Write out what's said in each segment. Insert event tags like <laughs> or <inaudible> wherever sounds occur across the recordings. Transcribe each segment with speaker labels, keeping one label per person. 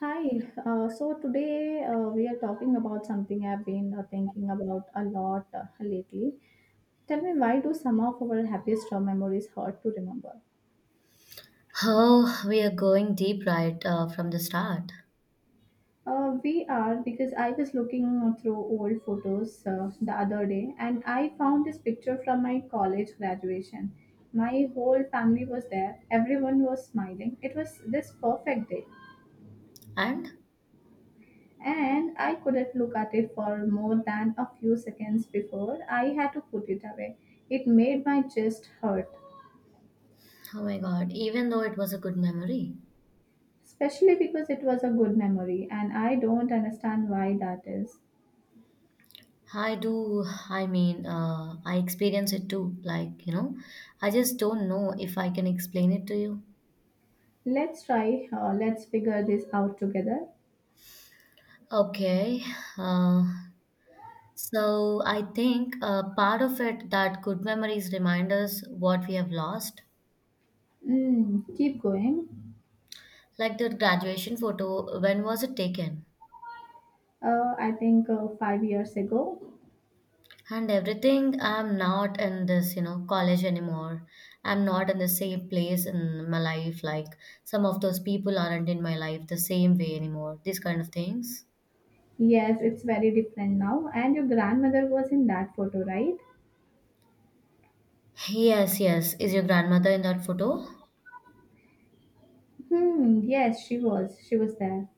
Speaker 1: Hi, so today we are talking about something I've been thinking about a lot lately. Tell me, why do some of our happiest memories hurt to remember?
Speaker 2: Oh, we are going deep right from the start.
Speaker 1: We are because I was looking through old photos the other day and I found this picture from my college graduation. My whole family was there, everyone was smiling. It was this perfect day
Speaker 2: And
Speaker 1: and I couldn't look at it for more than a few seconds before I had to put it away. It made my chest hurt,
Speaker 2: oh my God, even though it was a good memory,
Speaker 1: especially because it was a good memory, and I don't understand why that is.
Speaker 2: I do. I mean, I experience it too. Like, you know, I just don't know if I can explain it to you.
Speaker 1: Let's try, let's figure this out together.
Speaker 2: Okay. Uh, so I think part of it that good memories remind us what we have lost.
Speaker 1: Mm, keep going.
Speaker 2: Like the graduation photo, when was it taken?
Speaker 1: I think 5 years ago.
Speaker 2: And everything, I'm not in this, you know, college anymore. I'm not in the same place in my life, like some of those people aren't in my life the same way anymore, these kind of things.
Speaker 1: Yes, it's very different now. And your grandmother was in that photo, right?
Speaker 2: Yes, yes, is your grandmother in that photo?
Speaker 1: Hmm, yes, she was. She was there.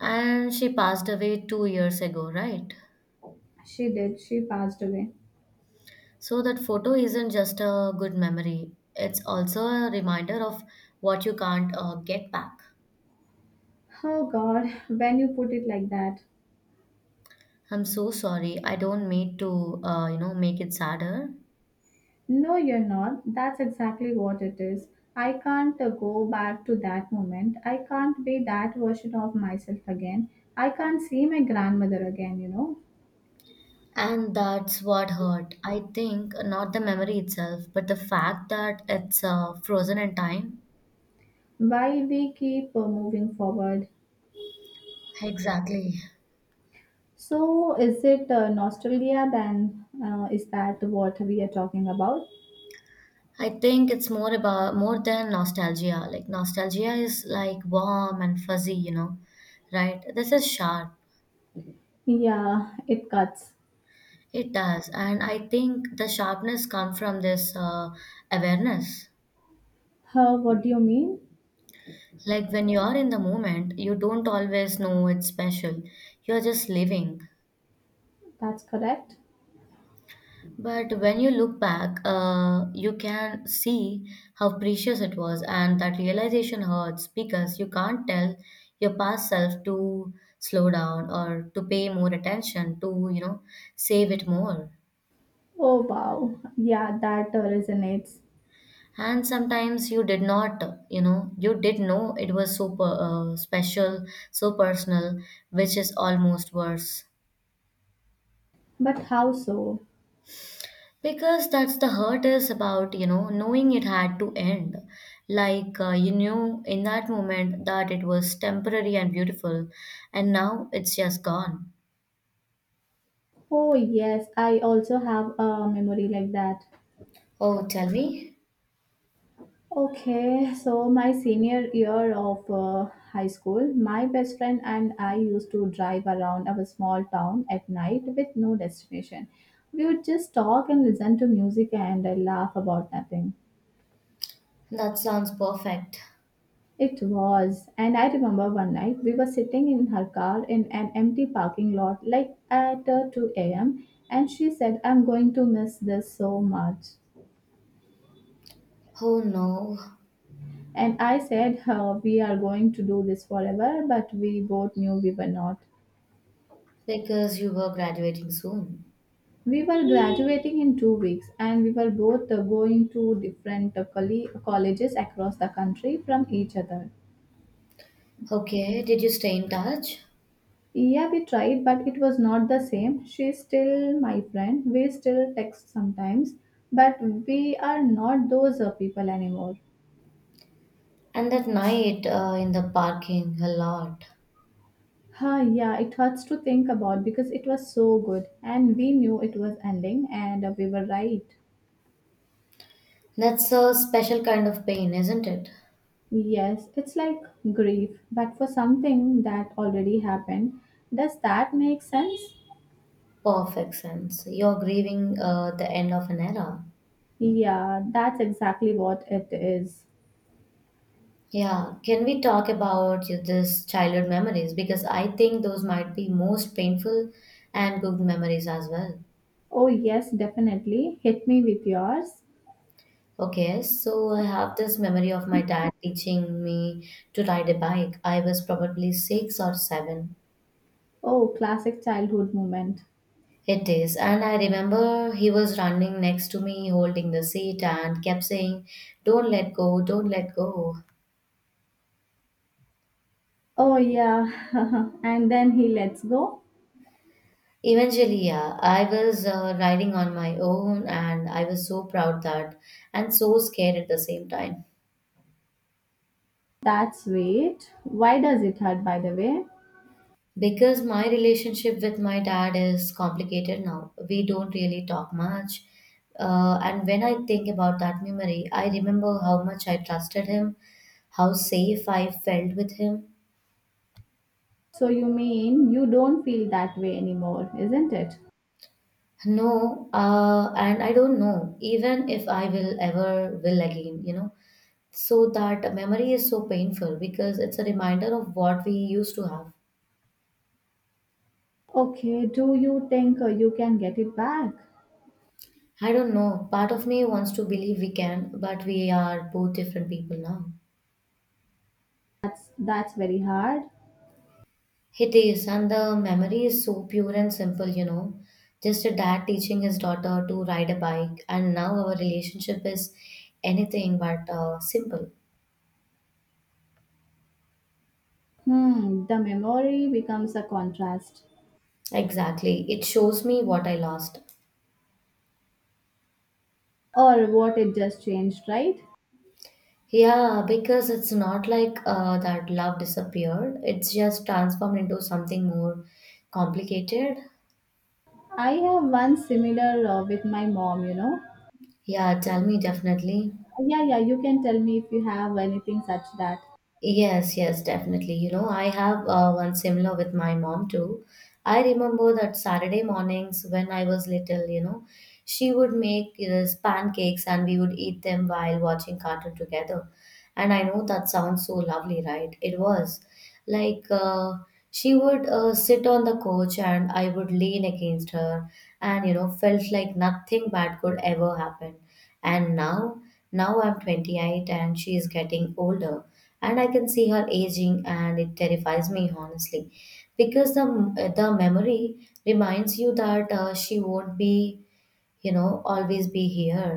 Speaker 2: And she passed away 2 years ago, right?
Speaker 1: She did. She passed away.
Speaker 2: So that photo isn't just a good memory, it's also a reminder of what you can't get back.
Speaker 1: Oh God, when you put it like that.
Speaker 2: I'm so sorry, I don't mean to make it sadder.
Speaker 1: No, you're not. That's exactly what it is. I can't go back to that moment. I can't be that version of myself again. I can't see my grandmother again.
Speaker 2: And that's what hurt. I think not the memory itself, but the fact that it's frozen in time.
Speaker 1: While we keep moving forward.
Speaker 2: Exactly.
Speaker 1: So, is it nostalgia then? Is that what we are talking about?
Speaker 2: I think it's more about, more than nostalgia. Like nostalgia is like warm and fuzzy, you know, right? This is sharp.
Speaker 1: Yeah, it cuts.
Speaker 2: It does, and I think the sharpness comes from this awareness.
Speaker 1: Huh, what do you mean?
Speaker 2: Like when you are in the moment, you don't always know it's special. You're just living.
Speaker 1: That's correct.
Speaker 2: But when you look back, you can see how precious it was, and that realization hurts because you can't tell your past self to slow down or to pay more attention, to, you know, save it more.
Speaker 1: Oh wow. Yeah, that resonates.
Speaker 2: And sometimes you did not, you know, you did know it was so special, so personal, which is almost worse.
Speaker 1: But how so?
Speaker 2: Because that's the hurt is about, you know, knowing it had to end. Like you knew in that moment that it was temporary and beautiful, and now it's just gone.
Speaker 1: Oh, yes, I also have a memory like that.
Speaker 2: Oh, tell me.
Speaker 1: Okay, so my senior year of high school, my best friend and I used to drive around our small town at night with no destination. We would just talk and listen to music and laugh about nothing.
Speaker 2: That sounds perfect.
Speaker 1: It was, and I remember one night we were sitting in her car in an empty parking lot like at 2 a.m. and she said, I'm going to miss this so much.
Speaker 2: Oh no,
Speaker 1: And I said, "Huh, we are going to do this forever, but we both knew we were not.
Speaker 2: because you were graduating soon.
Speaker 1: We were graduating in 2 weeks, and we were both going to different colleges across the country from each other.
Speaker 2: Okay, did you stay in touch?
Speaker 1: Yeah, we tried, but it was not the same. She's still my friend. We still text sometimes, but we are not those people anymore.
Speaker 2: And that night in the parking a lot.
Speaker 1: Huh, yeah, it hurts to think about because it was so good, and we knew it was ending, and we were right.
Speaker 2: That's a special kind of pain, isn't it?
Speaker 1: Yes, it's like grief, but for something that already happened. Does that make sense?
Speaker 2: Perfect sense. You're grieving the end of an era.
Speaker 1: Yeah, that's exactly what it is.
Speaker 2: Yeah, can we talk about this childhood memories? Because I think those might be most painful, and good memories as well.
Speaker 1: Oh, yes, definitely. Hit me with yours.
Speaker 2: Okay, so I have this memory of my dad teaching me to ride a bike. I was probably six or seven.
Speaker 1: Oh, classic childhood moment.
Speaker 2: It is, and I remember he was running next to me, holding the seat, and kept saying, "Don't let go, don't let go."
Speaker 1: Oh, yeah. <laughs> And then he lets go.
Speaker 2: Eventually, yeah, I was riding on my own, and I was so proud that and so scared at the same time.
Speaker 1: That's sweet. Why does it hurt, by the way?
Speaker 2: Because my relationship with my dad is complicated now. We don't really talk much. And when I think about that memory, I remember how much I trusted him, how safe I felt with him.
Speaker 1: So, you mean you don't feel that way anymore, isn't it?
Speaker 2: No, and I don't know, even if I will ever will again, you know. So that memory is so painful because it's a reminder of what we used to have.
Speaker 1: Okay, do you think you can get it back?
Speaker 2: I don't know, part of me wants to believe we can, but we are both different people now.
Speaker 1: That's very hard.
Speaker 2: It is, and the memory is so pure and simple, you know. Just a dad teaching his daughter to ride a bike, and now our relationship is anything but simple.
Speaker 1: Hmm, the memory becomes a contrast,
Speaker 2: Exactly. It shows me what I lost.
Speaker 1: or what it just changed, right?
Speaker 2: Yeah, because it's not like that love disappeared, it's just transformed into something more complicated.
Speaker 1: I have one similar with my mom.
Speaker 2: Yeah, tell me definitely.
Speaker 1: Yeah, yeah, you can tell me if you have anything such that.
Speaker 2: Yes, yes, definitely. You know, I have one similar with my mom too. I remember that Saturday mornings when I was little, you know, she would make these pancakes and we would eat them while watching cartoon together. And I know that sounds so lovely, right? It was. Like, she would sit on the couch and I would lean against her, and you know, felt like nothing bad could ever happen. And now, now I'm 28 and she is getting older, and I can see her aging and it terrifies me, honestly, because the memory reminds you that she won't be, you know, always be here.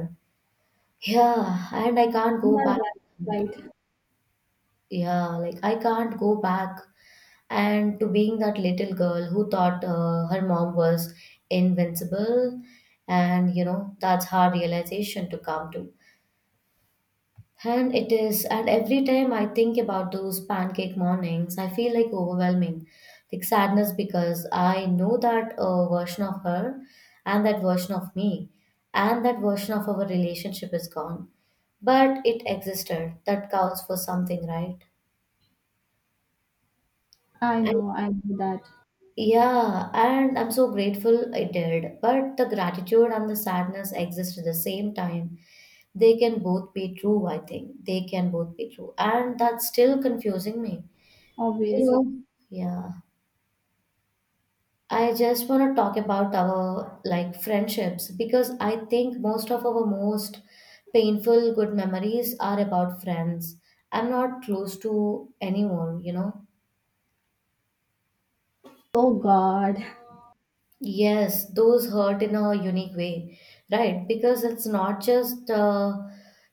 Speaker 2: Yeah, and I can't go
Speaker 1: Yeah,
Speaker 2: back.
Speaker 1: yeah, right.
Speaker 2: Yeah, like I can't go back, and to being that little girl who thought her mom was invincible. And you know, that's hard realization to come to, and it is. And every time I think about those pancake mornings, I feel like overwhelming, like sadness, because I know that version of her, and that version of me, and that version of our relationship is gone. But it existed, that counts for something, right?
Speaker 1: I know that,
Speaker 2: Yeah, and I'm so grateful I did. But the gratitude and the sadness exist at the same time. They can both be true, I think. They can both be true. And that's still confusing me. You
Speaker 1: obviously.
Speaker 2: know, yeah. I just want to talk about our like friendships, because I think most of our most painful good memories are about friends. I'm not close to anyone, you know.
Speaker 1: Oh God.
Speaker 2: Yes, those hurt in a unique way, right? Because it's not just, uh,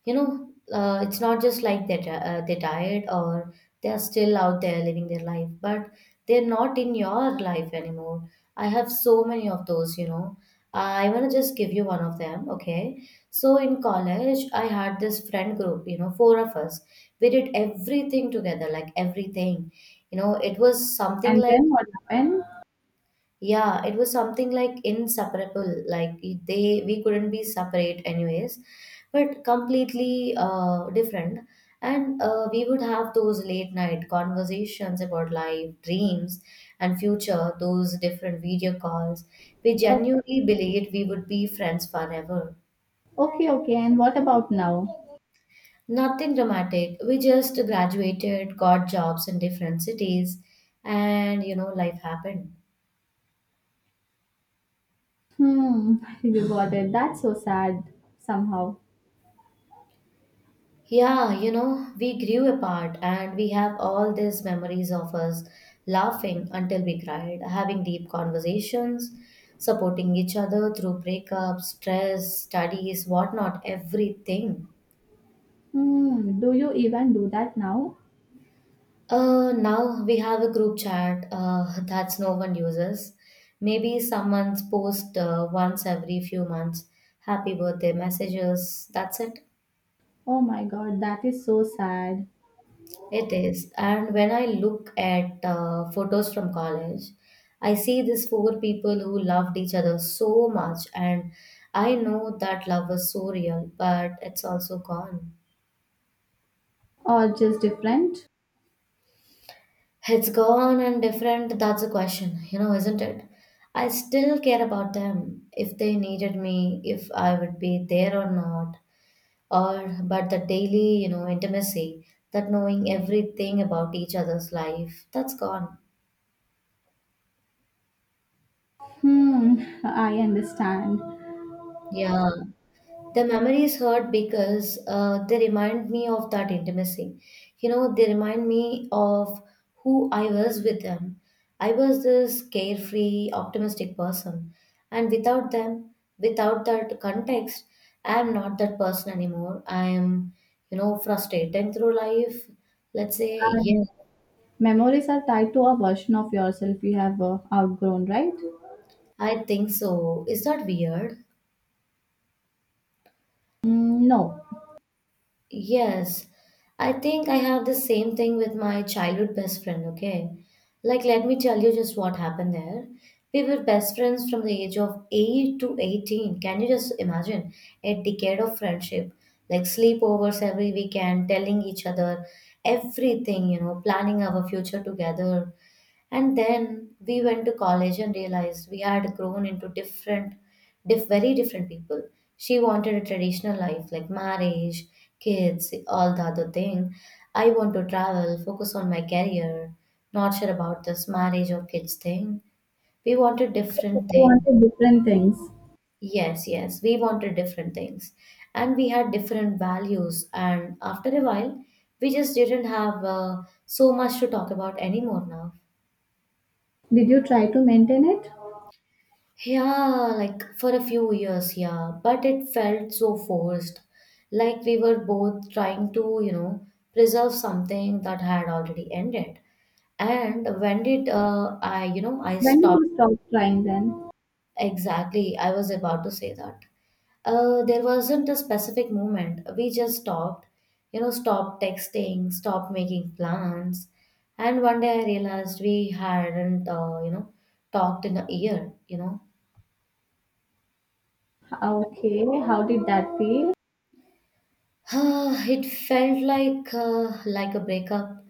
Speaker 2: you know, uh, it's not just like they're, they're tired, or they're still out there living their life, but they're not in your life anymore. I have so many of those, you know. I want to just give you one of them, okay? So in college, I had this friend group, you know, four of us. We did everything together, like everything. You know, it was something
Speaker 1: And
Speaker 2: like,
Speaker 1: then what happened?
Speaker 2: yeah, it was something like inseparable. Like they, we couldn't be separate anyways, but completely different. And we would have those late night conversations about life, dreams, and future. Those different video calls. We
Speaker 1: Oh,
Speaker 2: genuinely believed we would be friends forever.
Speaker 1: okay, okay. And what about now?
Speaker 2: Nothing dramatic. We just graduated, got jobs in different cities, and you know, life happened.
Speaker 1: Hmm, <laughs> you got it. That's so sad somehow.
Speaker 2: Yeah, you know, we grew apart and we have all these memories of us laughing until we cried, having deep conversations, supporting each other through breakups, stress, studies, whatnot, everything.
Speaker 1: Hmm, do you even do that now?
Speaker 2: Now we have a group chat <laughs> that no one uses. Maybe someone's post once every few months, happy birthday messages, that's it.
Speaker 1: Oh my God, that is so sad.
Speaker 2: It is. And when I look at photos from college, I see these four people who loved each other so much. And I know that love was so real, but it's also gone.
Speaker 1: Or just different?
Speaker 2: It's gone and different. That's a question, you know, isn't it? I still care about them. If they needed me, if I would be there or not. Or, but the daily, you know, intimacy, that knowing everything about each other's life, that's gone.
Speaker 1: Hmm, I understand.
Speaker 2: Yeah, the memories hurt because they remind me of that intimacy. You know, they remind me of who I was with them. I was this carefree, optimistic person. And without them, without that context, I am not that person anymore. I am, you know, frustrated through life. Let's say, yes,
Speaker 1: And memories are tied to a version of yourself you have outgrown, right?
Speaker 2: I think so. Is that weird?
Speaker 1: Mm, no,
Speaker 2: Yes, I think I have the same thing with my childhood best friend, okay? Like, let me tell you just what happened there. We were best friends from the age of 8 to 18. Can you just imagine a decade of friendship? Like, sleepovers every weekend, telling each other everything, you know, planning our future together, and then we went to college and realized we had grown into different, very different people. She wanted a traditional life, like marriage, kids, all the other thing. I want to travel, focus on my career, not sure about this marriage or kids thing. We wanted
Speaker 1: you
Speaker 2: different things.
Speaker 1: wanted different things.
Speaker 2: Yes, yes, we wanted different things. And we had different values, and after a while we just didn't have so much to talk about anymore now.
Speaker 1: Did you try to maintain it?
Speaker 2: Yeah, like for a few years, yeah, but it felt so forced. Like we were both trying to, you know, preserve something that had already ended. And when did I, you know, I
Speaker 1: When did
Speaker 2: stopped,
Speaker 1: you stop trying then?
Speaker 2: exactly. I was about to say that. There wasn't a specific moment. We just stopped, you know, stopped texting, stopped making plans. And one day I realized we hadn't, talked in a year, you know.
Speaker 1: Okay, how did that feel?
Speaker 2: <sighs> It felt like a breakup,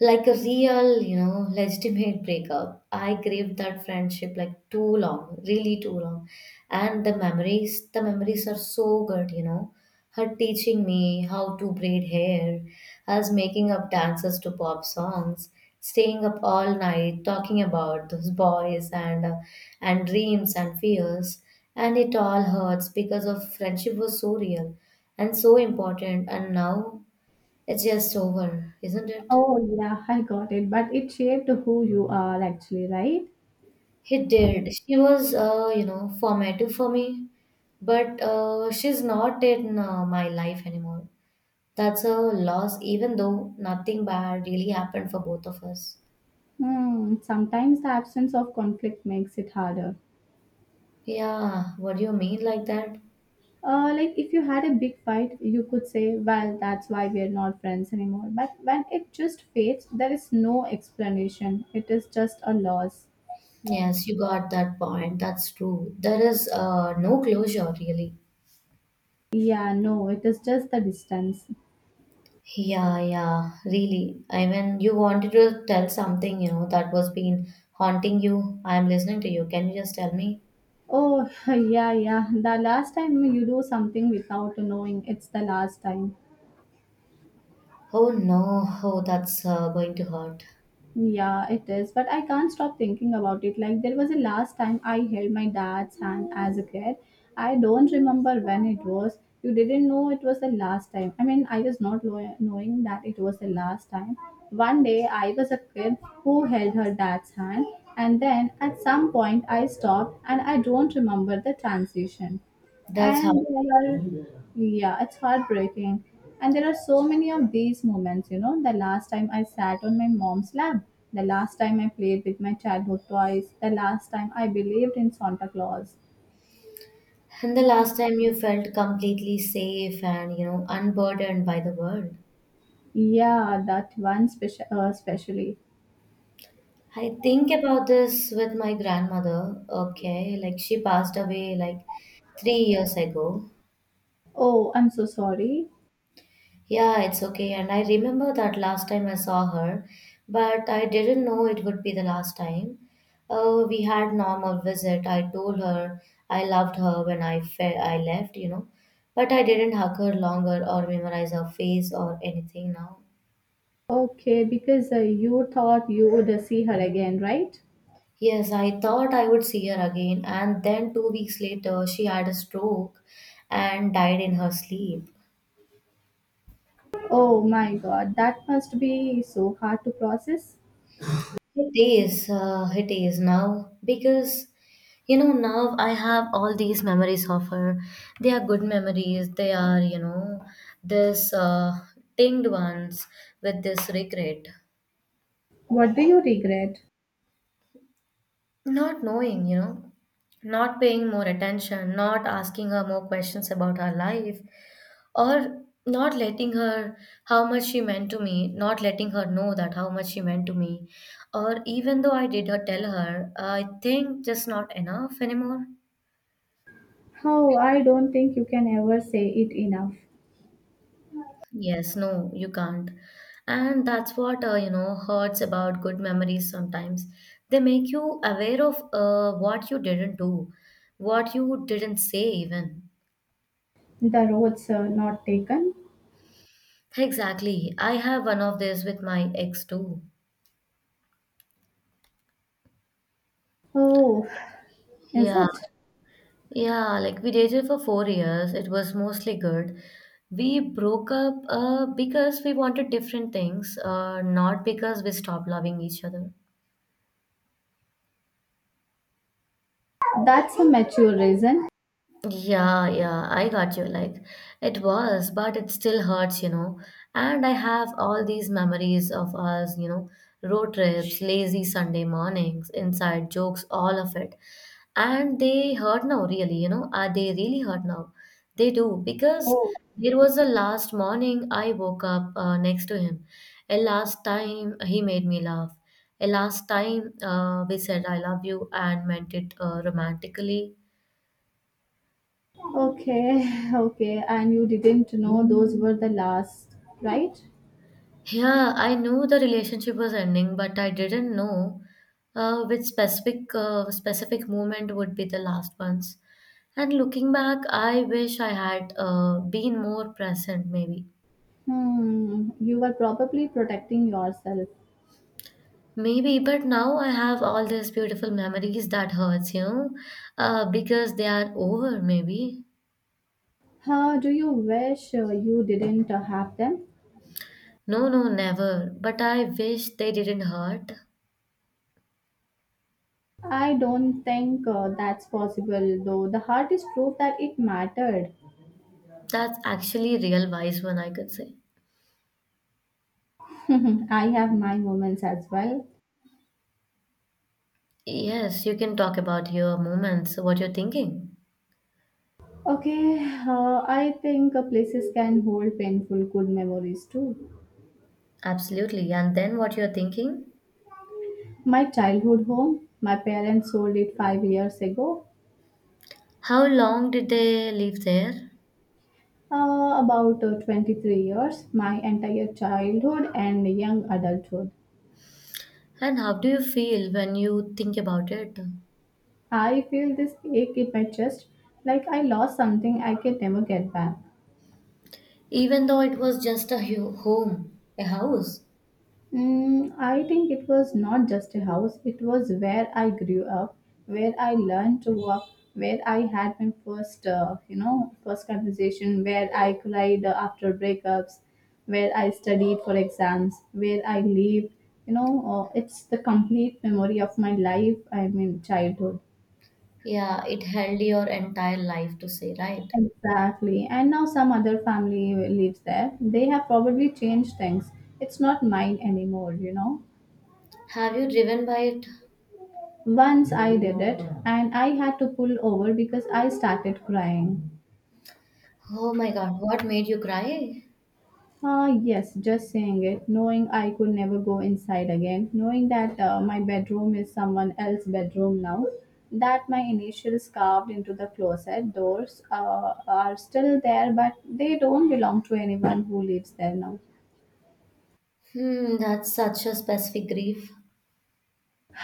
Speaker 2: like a real, you know, legitimate breakup. I craved that friendship like too long, really too long. And the memories are so good, you know. Her teaching me how to braid hair, us making up dances to pop songs, staying up all night talking about those boys and and dreams and fears. And it all hurts because of friendship was so real and so important, and now it's just over, isn't it?
Speaker 1: Oh, yeah, <laughs> I got it. But it shaped who you are actually, right?
Speaker 2: He did. She was, you know, formative for me, but she's not in my life anymore. That's a loss, even though nothing bad really happened for both of us.
Speaker 1: Hmm, sometimes the absence of conflict makes it harder.
Speaker 2: Yeah, what do you mean like that?
Speaker 1: Like if you had a big fight, you could say, "Well, that's why we are not friends anymore." But when it just fades, there is no explanation. It is just a loss.
Speaker 2: Yes, you got that point. That's true. There is no closure, really.
Speaker 1: Yeah, no, it is just the distance.
Speaker 2: Yeah, yeah, really. I mean, you wanted to tell something, you know, that was been haunting you. I am listening to you. Can you just tell me?
Speaker 1: Oh, <laughs> yeah, yeah. The last time you do something without knowing, it's the last time.
Speaker 2: Oh no, oh, that's going to hurt.
Speaker 1: Yeah, it is. But I can't stop thinking about it. Like, there was a last time I held my dad's hand as a kid. I don't remember when it was. You didn't know it was the last time. I mean, I was not knowing that it was the last time. One day, I was a kid who held her dad's hand. And then at some point, I stopped and I don't remember the transition,
Speaker 2: That's how.
Speaker 1: and there are, yeah, it's heartbreaking. And there are so many of these moments, you know, the last time I sat on my mom's lap, the last time I played with my childhood toys, the last time I believed in Santa Claus.
Speaker 2: And the last time you felt completely safe and, you know, unburdened by the world.
Speaker 1: Yeah, that one special, especially.
Speaker 2: I think about this with my grandmother. Okay, like she passed away like 3 years ago.
Speaker 1: Oh, I'm so sorry.
Speaker 2: Yeah, it's okay. And I remember that last time I saw her, but I didn't know it would be the last time. We had normal visit. I told her I loved her when I left, you know, but I didn't hug her longer or memorize her face or anything now.
Speaker 1: Okay, because you thought you would see her again, right?
Speaker 2: Yes, I thought I would see her again, and then 2 weeks later, she had a stroke and died in her sleep.
Speaker 1: Oh my God, that must be so hard to process.
Speaker 2: It is now because you know, now I have all these memories of her. They are good memories, they are, you know, this tinged ones with this regret,
Speaker 1: What do you regret?
Speaker 2: not knowing, you know, not paying more attention, not asking her more questions about her life, or not letting her how much she meant to me not letting her know that how much she meant to me or even though I did her tell her I think just not enough anymore
Speaker 1: How, I don't think you can ever say it enough.
Speaker 2: yes no you can't. And that's what you know hurts about good memories sometimes they make you aware of what you didn't do what you didn't say even
Speaker 1: The roads are not taken.
Speaker 2: exactly I have one of these with my ex too
Speaker 1: Oh, is
Speaker 2: yeah.
Speaker 1: it?
Speaker 2: Yeah, like we dated for 4 years. It was mostly good. We broke up because we wanted different things, not because we stopped loving each other.
Speaker 1: That's a mature reason.
Speaker 2: Yeah, yeah, I got you. Like, it was, but it still hurts, you know. And I have all these memories of us, you know, road trips, lazy Sunday mornings, inside jokes, all of it. And they hurt now, really, you know. Are they really hurt now? They do, because
Speaker 1: Oh,
Speaker 2: there was a last morning I woke up next to him. A last time he made me laugh. A last time we said, I love you, and meant it romantically.
Speaker 1: okay, <laughs> okay. And you didn't know those were the last, right?
Speaker 2: Yeah, I knew the relationship was ending, but I didn't know which specific moment would be the last ones. And looking back, I wish I had been more present, maybe.
Speaker 1: Hmm, you were probably protecting yourself.
Speaker 2: Maybe, but now I have all these beautiful memories that hurts, you know, because they are over, maybe.
Speaker 1: Huh, do you wish you didn't have them?
Speaker 2: No, no, never. But I wish they didn't hurt.
Speaker 1: I don't think that's possible, though the heart is proof that it mattered.
Speaker 2: That's actually real wise one, I could say.
Speaker 1: <laughs> I have my moments as well.
Speaker 2: Yes, you can talk about your moments, what you're thinking.
Speaker 1: Okay, I think places can hold painful good memories too.
Speaker 2: Absolutely. And then what you're thinking?
Speaker 1: My childhood home, my parents sold it 5 years ago.
Speaker 2: How long did they live there?
Speaker 1: About 23 years, my entire childhood and young adulthood.
Speaker 2: And how do you feel when you think about it?
Speaker 1: I feel this ache in my chest like I lost something I can never get back.
Speaker 2: Even though it was just a home, a house,
Speaker 1: Mm, I think it was not just a house, it was where I grew up, where I learned to walk, where I had my first conversation, where I cried after breakups, where I studied for exams, where I lived. You know, it's the complete memory of my life, I mean, childhood.
Speaker 2: yeah, it held your entire life to say, right?
Speaker 1: Exactly. And now some other family lives there. They have probably changed things. It's not mine anymore.
Speaker 2: Have you driven by it?
Speaker 1: Once I did it, and I had to pull over because I started crying.
Speaker 2: Oh my God, what made you cry?
Speaker 1: Ah, yes, just saying it, knowing I could never go inside again, knowing that my bedroom is someone else's bedroom now, that my initials carved into the closet doors are still there, but they don't belong to anyone who lives there now.
Speaker 2: Hmm, that's such a specific grief,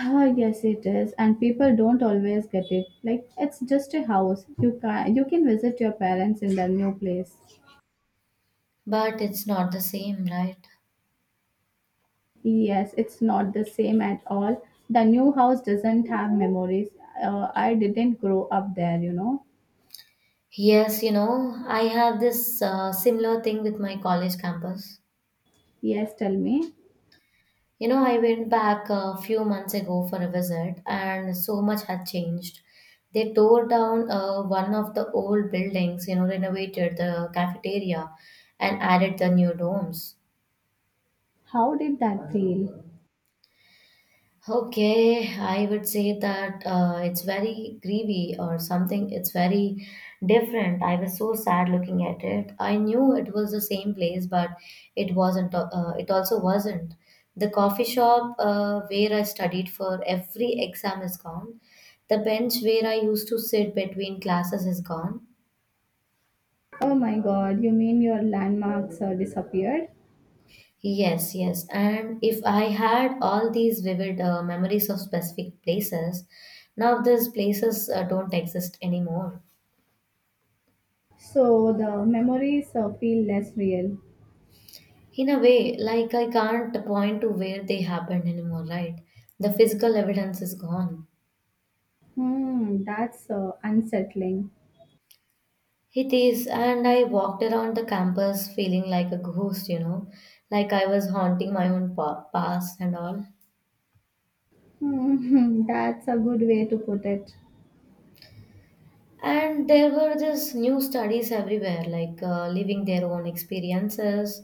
Speaker 1: Ah, yes, it is, and people don't always get it. Like it's just a house. You can visit your parents in their new place.
Speaker 2: but it's not the same, right?
Speaker 1: Yes, it's not the same at all. The new house doesn't have memories. I didn't grow up there.
Speaker 2: Yes, you know, I have this similar thing with my college campus.
Speaker 1: Yes, tell me.
Speaker 2: You know, I went back a few months ago for a visit, and so much had changed. They tore down one of the old buildings, you know, renovated the cafeteria, and added the new domes.
Speaker 1: How did that feel?
Speaker 2: Okay, I would say that it's very grievy or something. It's very different. I was so sad looking at it. I knew it was the same place, but it wasn't. It also wasn't. The coffee shop where I studied for every exam is gone. The bench where I used to sit between classes is gone.
Speaker 1: Oh my God, you mean your landmarks disappeared?
Speaker 2: Yes, yes. And if I had all these vivid memories of specific places, now these places don't exist anymore.
Speaker 1: So the memories feel less real.
Speaker 2: In a way, like I can't point to where they happened anymore, right? The physical evidence is gone.
Speaker 1: Hmm, that's unsettling.
Speaker 2: It is, and I walked around the campus feeling like a ghost, you know, like I was haunting my own past and all.
Speaker 1: Hmm, <laughs> that's a good way to put it.
Speaker 2: And there were just new studies everywhere, like living their own experiences,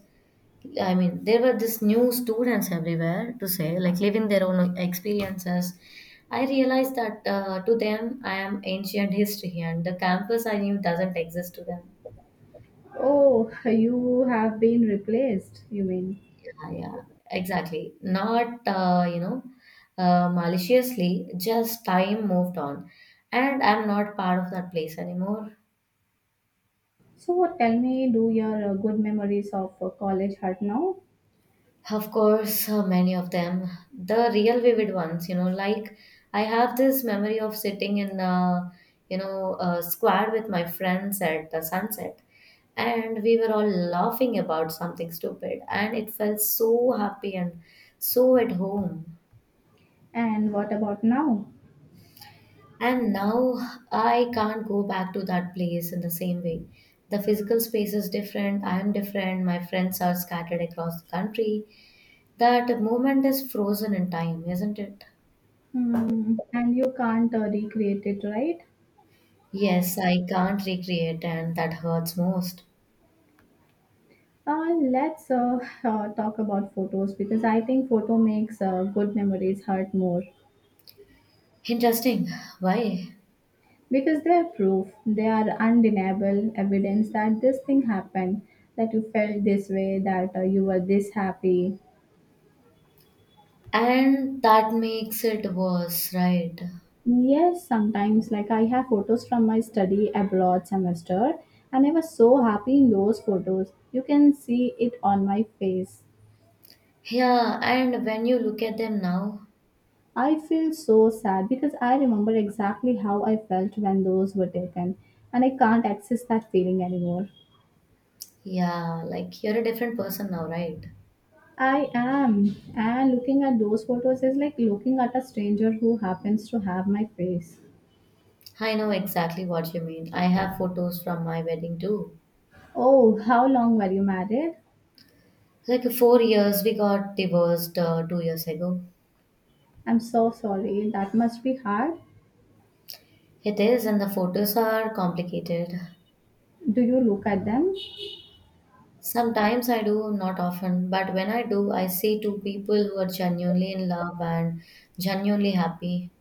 Speaker 2: I mean, there were this new students everywhere to say, like living their own experiences. I realized that to them, I am ancient history, and the campus I knew doesn't exist to them.
Speaker 1: Oh, you have been replaced, you mean?
Speaker 2: Yeah, yeah, exactly. Not, you know, maliciously, just time moved on. And I'm not part of that place anymore.
Speaker 1: So tell me, do your good memories of college hurt now?
Speaker 2: Of course, many of them. The real vivid ones, you know, like I have this memory of sitting in, you know, a square with my friends at the sunset, and we were all laughing about something stupid, and it felt so happy and so at home.
Speaker 1: And what about now?
Speaker 2: And now I can't go back to that place in the same way. The physical space is different, I am different, my friends are scattered across the country. That moment is frozen in time, isn't it?
Speaker 1: Hmm. And you can't recreate it, right?
Speaker 2: Yes, I can't recreate, and that hurts most.
Speaker 1: Let's talk about photos because I think photo makes good memories hurt more
Speaker 2: Interesting. Why?
Speaker 1: because they are proof, they are undeniable evidence that this thing happened, that you felt this way, that you were this happy.
Speaker 2: And that makes it worse, right?
Speaker 1: Yes, sometimes like I have photos from my study abroad semester and I was so happy in those photos. You can see it on my face.
Speaker 2: Yeah, and when you look at them now,
Speaker 1: I feel so sad because I remember exactly how I felt when those were taken, and I can't access that feeling anymore.
Speaker 2: yeah, like you're a different person now, right?
Speaker 1: I am, and looking at those photos is like looking at a stranger who happens to have my face.
Speaker 2: I know exactly what you mean. I have photos from my wedding too.
Speaker 1: Oh, how long were you married?
Speaker 2: Like 4 years, we got divorced 2 years ago.
Speaker 1: I'm so sorry, that must be hard.
Speaker 2: It is, and the photos are complicated.
Speaker 1: Do you look at them?
Speaker 2: Sometimes I do, not often, but when I do, I see two people who are genuinely in love and genuinely happy.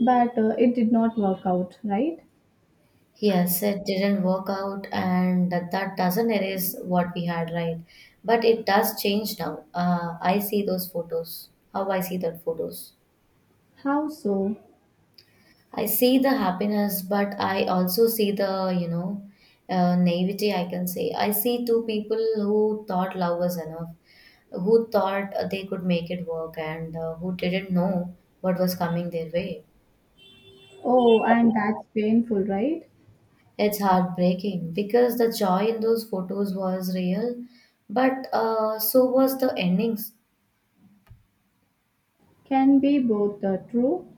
Speaker 1: But it did not work out, right?
Speaker 2: Yes, it didn't work out, and that doesn't erase what we had, right? But it does change now. I see those photos, how I see that photos.
Speaker 1: How so?
Speaker 2: I see the happiness, but I also see the, you know, naivety, I can say. I see two people who thought love was enough, who thought they could make it work, and who didn't know what was coming their way.
Speaker 1: Oh, and that's painful, right?
Speaker 2: It's heartbreaking because the joy in those photos was real, but so was the endings.
Speaker 1: Can be both true.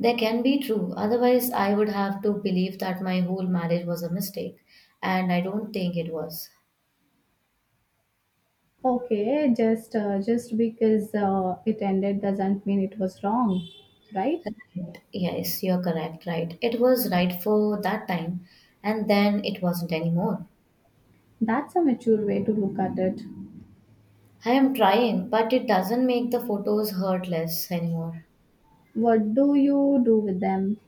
Speaker 2: They can be true, otherwise, I would have to believe that my whole marriage was a mistake, and I don't think it was.
Speaker 1: Okay, just because it ended doesn't mean it was wrong, right?
Speaker 2: Right. Yes, you're correct, right. It was right for that time, and then it wasn't anymore.
Speaker 1: That's a mature way to look at it.
Speaker 2: I am trying, but it doesn't make the photos hurtless anymore.
Speaker 1: What do you do with them?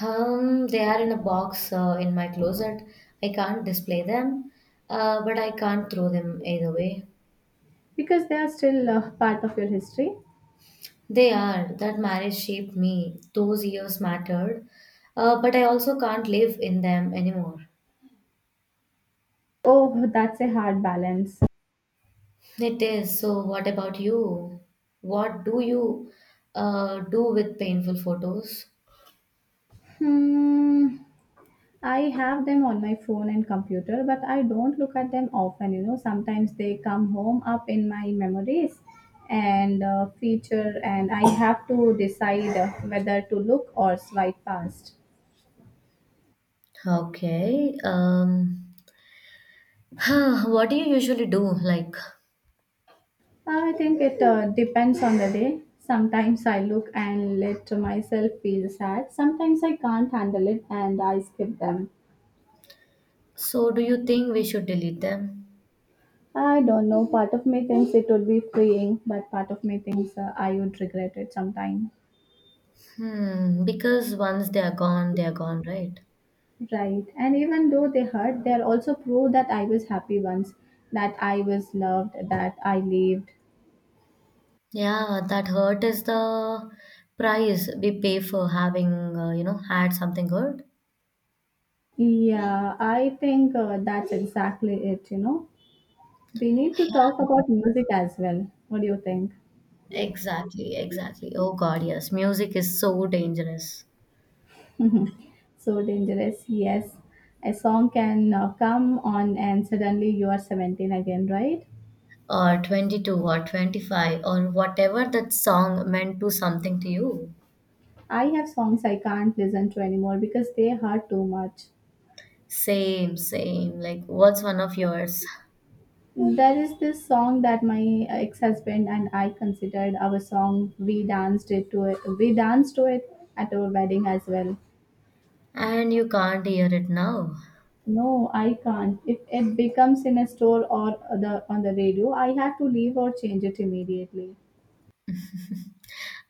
Speaker 2: They are in a box in my closet. I can't display them, but I can't throw them either way.
Speaker 1: Because they are still part of your history.
Speaker 2: They are. That marriage shaped me. Those years mattered, but I also can't live in them anymore.
Speaker 1: Oh, that's a hard balance.
Speaker 2: It is. So, what about you? What do you do with painful photos?
Speaker 1: Hmm. I have them on my phone and computer, but I don't look at them often. You know, sometimes they come home up in my memories and feature, and I have to decide whether to look or swipe past.
Speaker 2: Okay. <sighs> What do you usually do? Like,
Speaker 1: I think it depends on the day. Sometimes I look and let myself feel sad. Sometimes I can't handle it and I skip them.
Speaker 2: so do you think we should delete them?
Speaker 1: I don't know. Part of me thinks it would be freeing, but part of me thinks I would regret it sometime.
Speaker 2: Hmm, because once they are gone, right?
Speaker 1: Right. And even though they hurt, they are also proof that I was happy once, that I was loved, that I lived.
Speaker 2: Yeah, that hurt is the price we pay for having, you know, had something good.
Speaker 1: Yeah, I think that's exactly it. We need to talk
Speaker 2: Yeah,
Speaker 1: about music as well. What do you think?
Speaker 2: exactly, exactly. Oh God, yes, music is so dangerous.
Speaker 1: So dangerous. Yes, a song can come on and suddenly you are 17 again, right?
Speaker 2: Or 22 or 25 or whatever that song meant to something to you.
Speaker 1: I have songs I can't listen to anymore because they hurt too much.
Speaker 2: Same, same. Like, what's one of yours?
Speaker 1: There is this song that my ex-husband and I considered our song. We danced it to it. We danced to it at our wedding as well.
Speaker 2: And you can't hear it now.
Speaker 1: No, I can't. If it becomes in a store or the on the radio, I have to leave or change it immediately.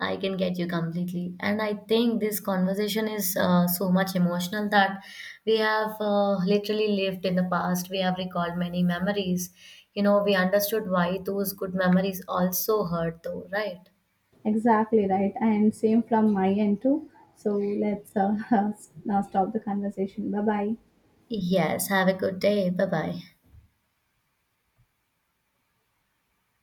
Speaker 2: I can get you completely. And I think this conversation is so much emotional that we have literally lived in the past. We have recalled many memories. You know, we understood why those good memories also hurt, though, right?
Speaker 1: Exactly right, and same from my end too. So let's <laughs> now stop the conversation. Bye bye.
Speaker 2: Yes, have a good day. Bye bye.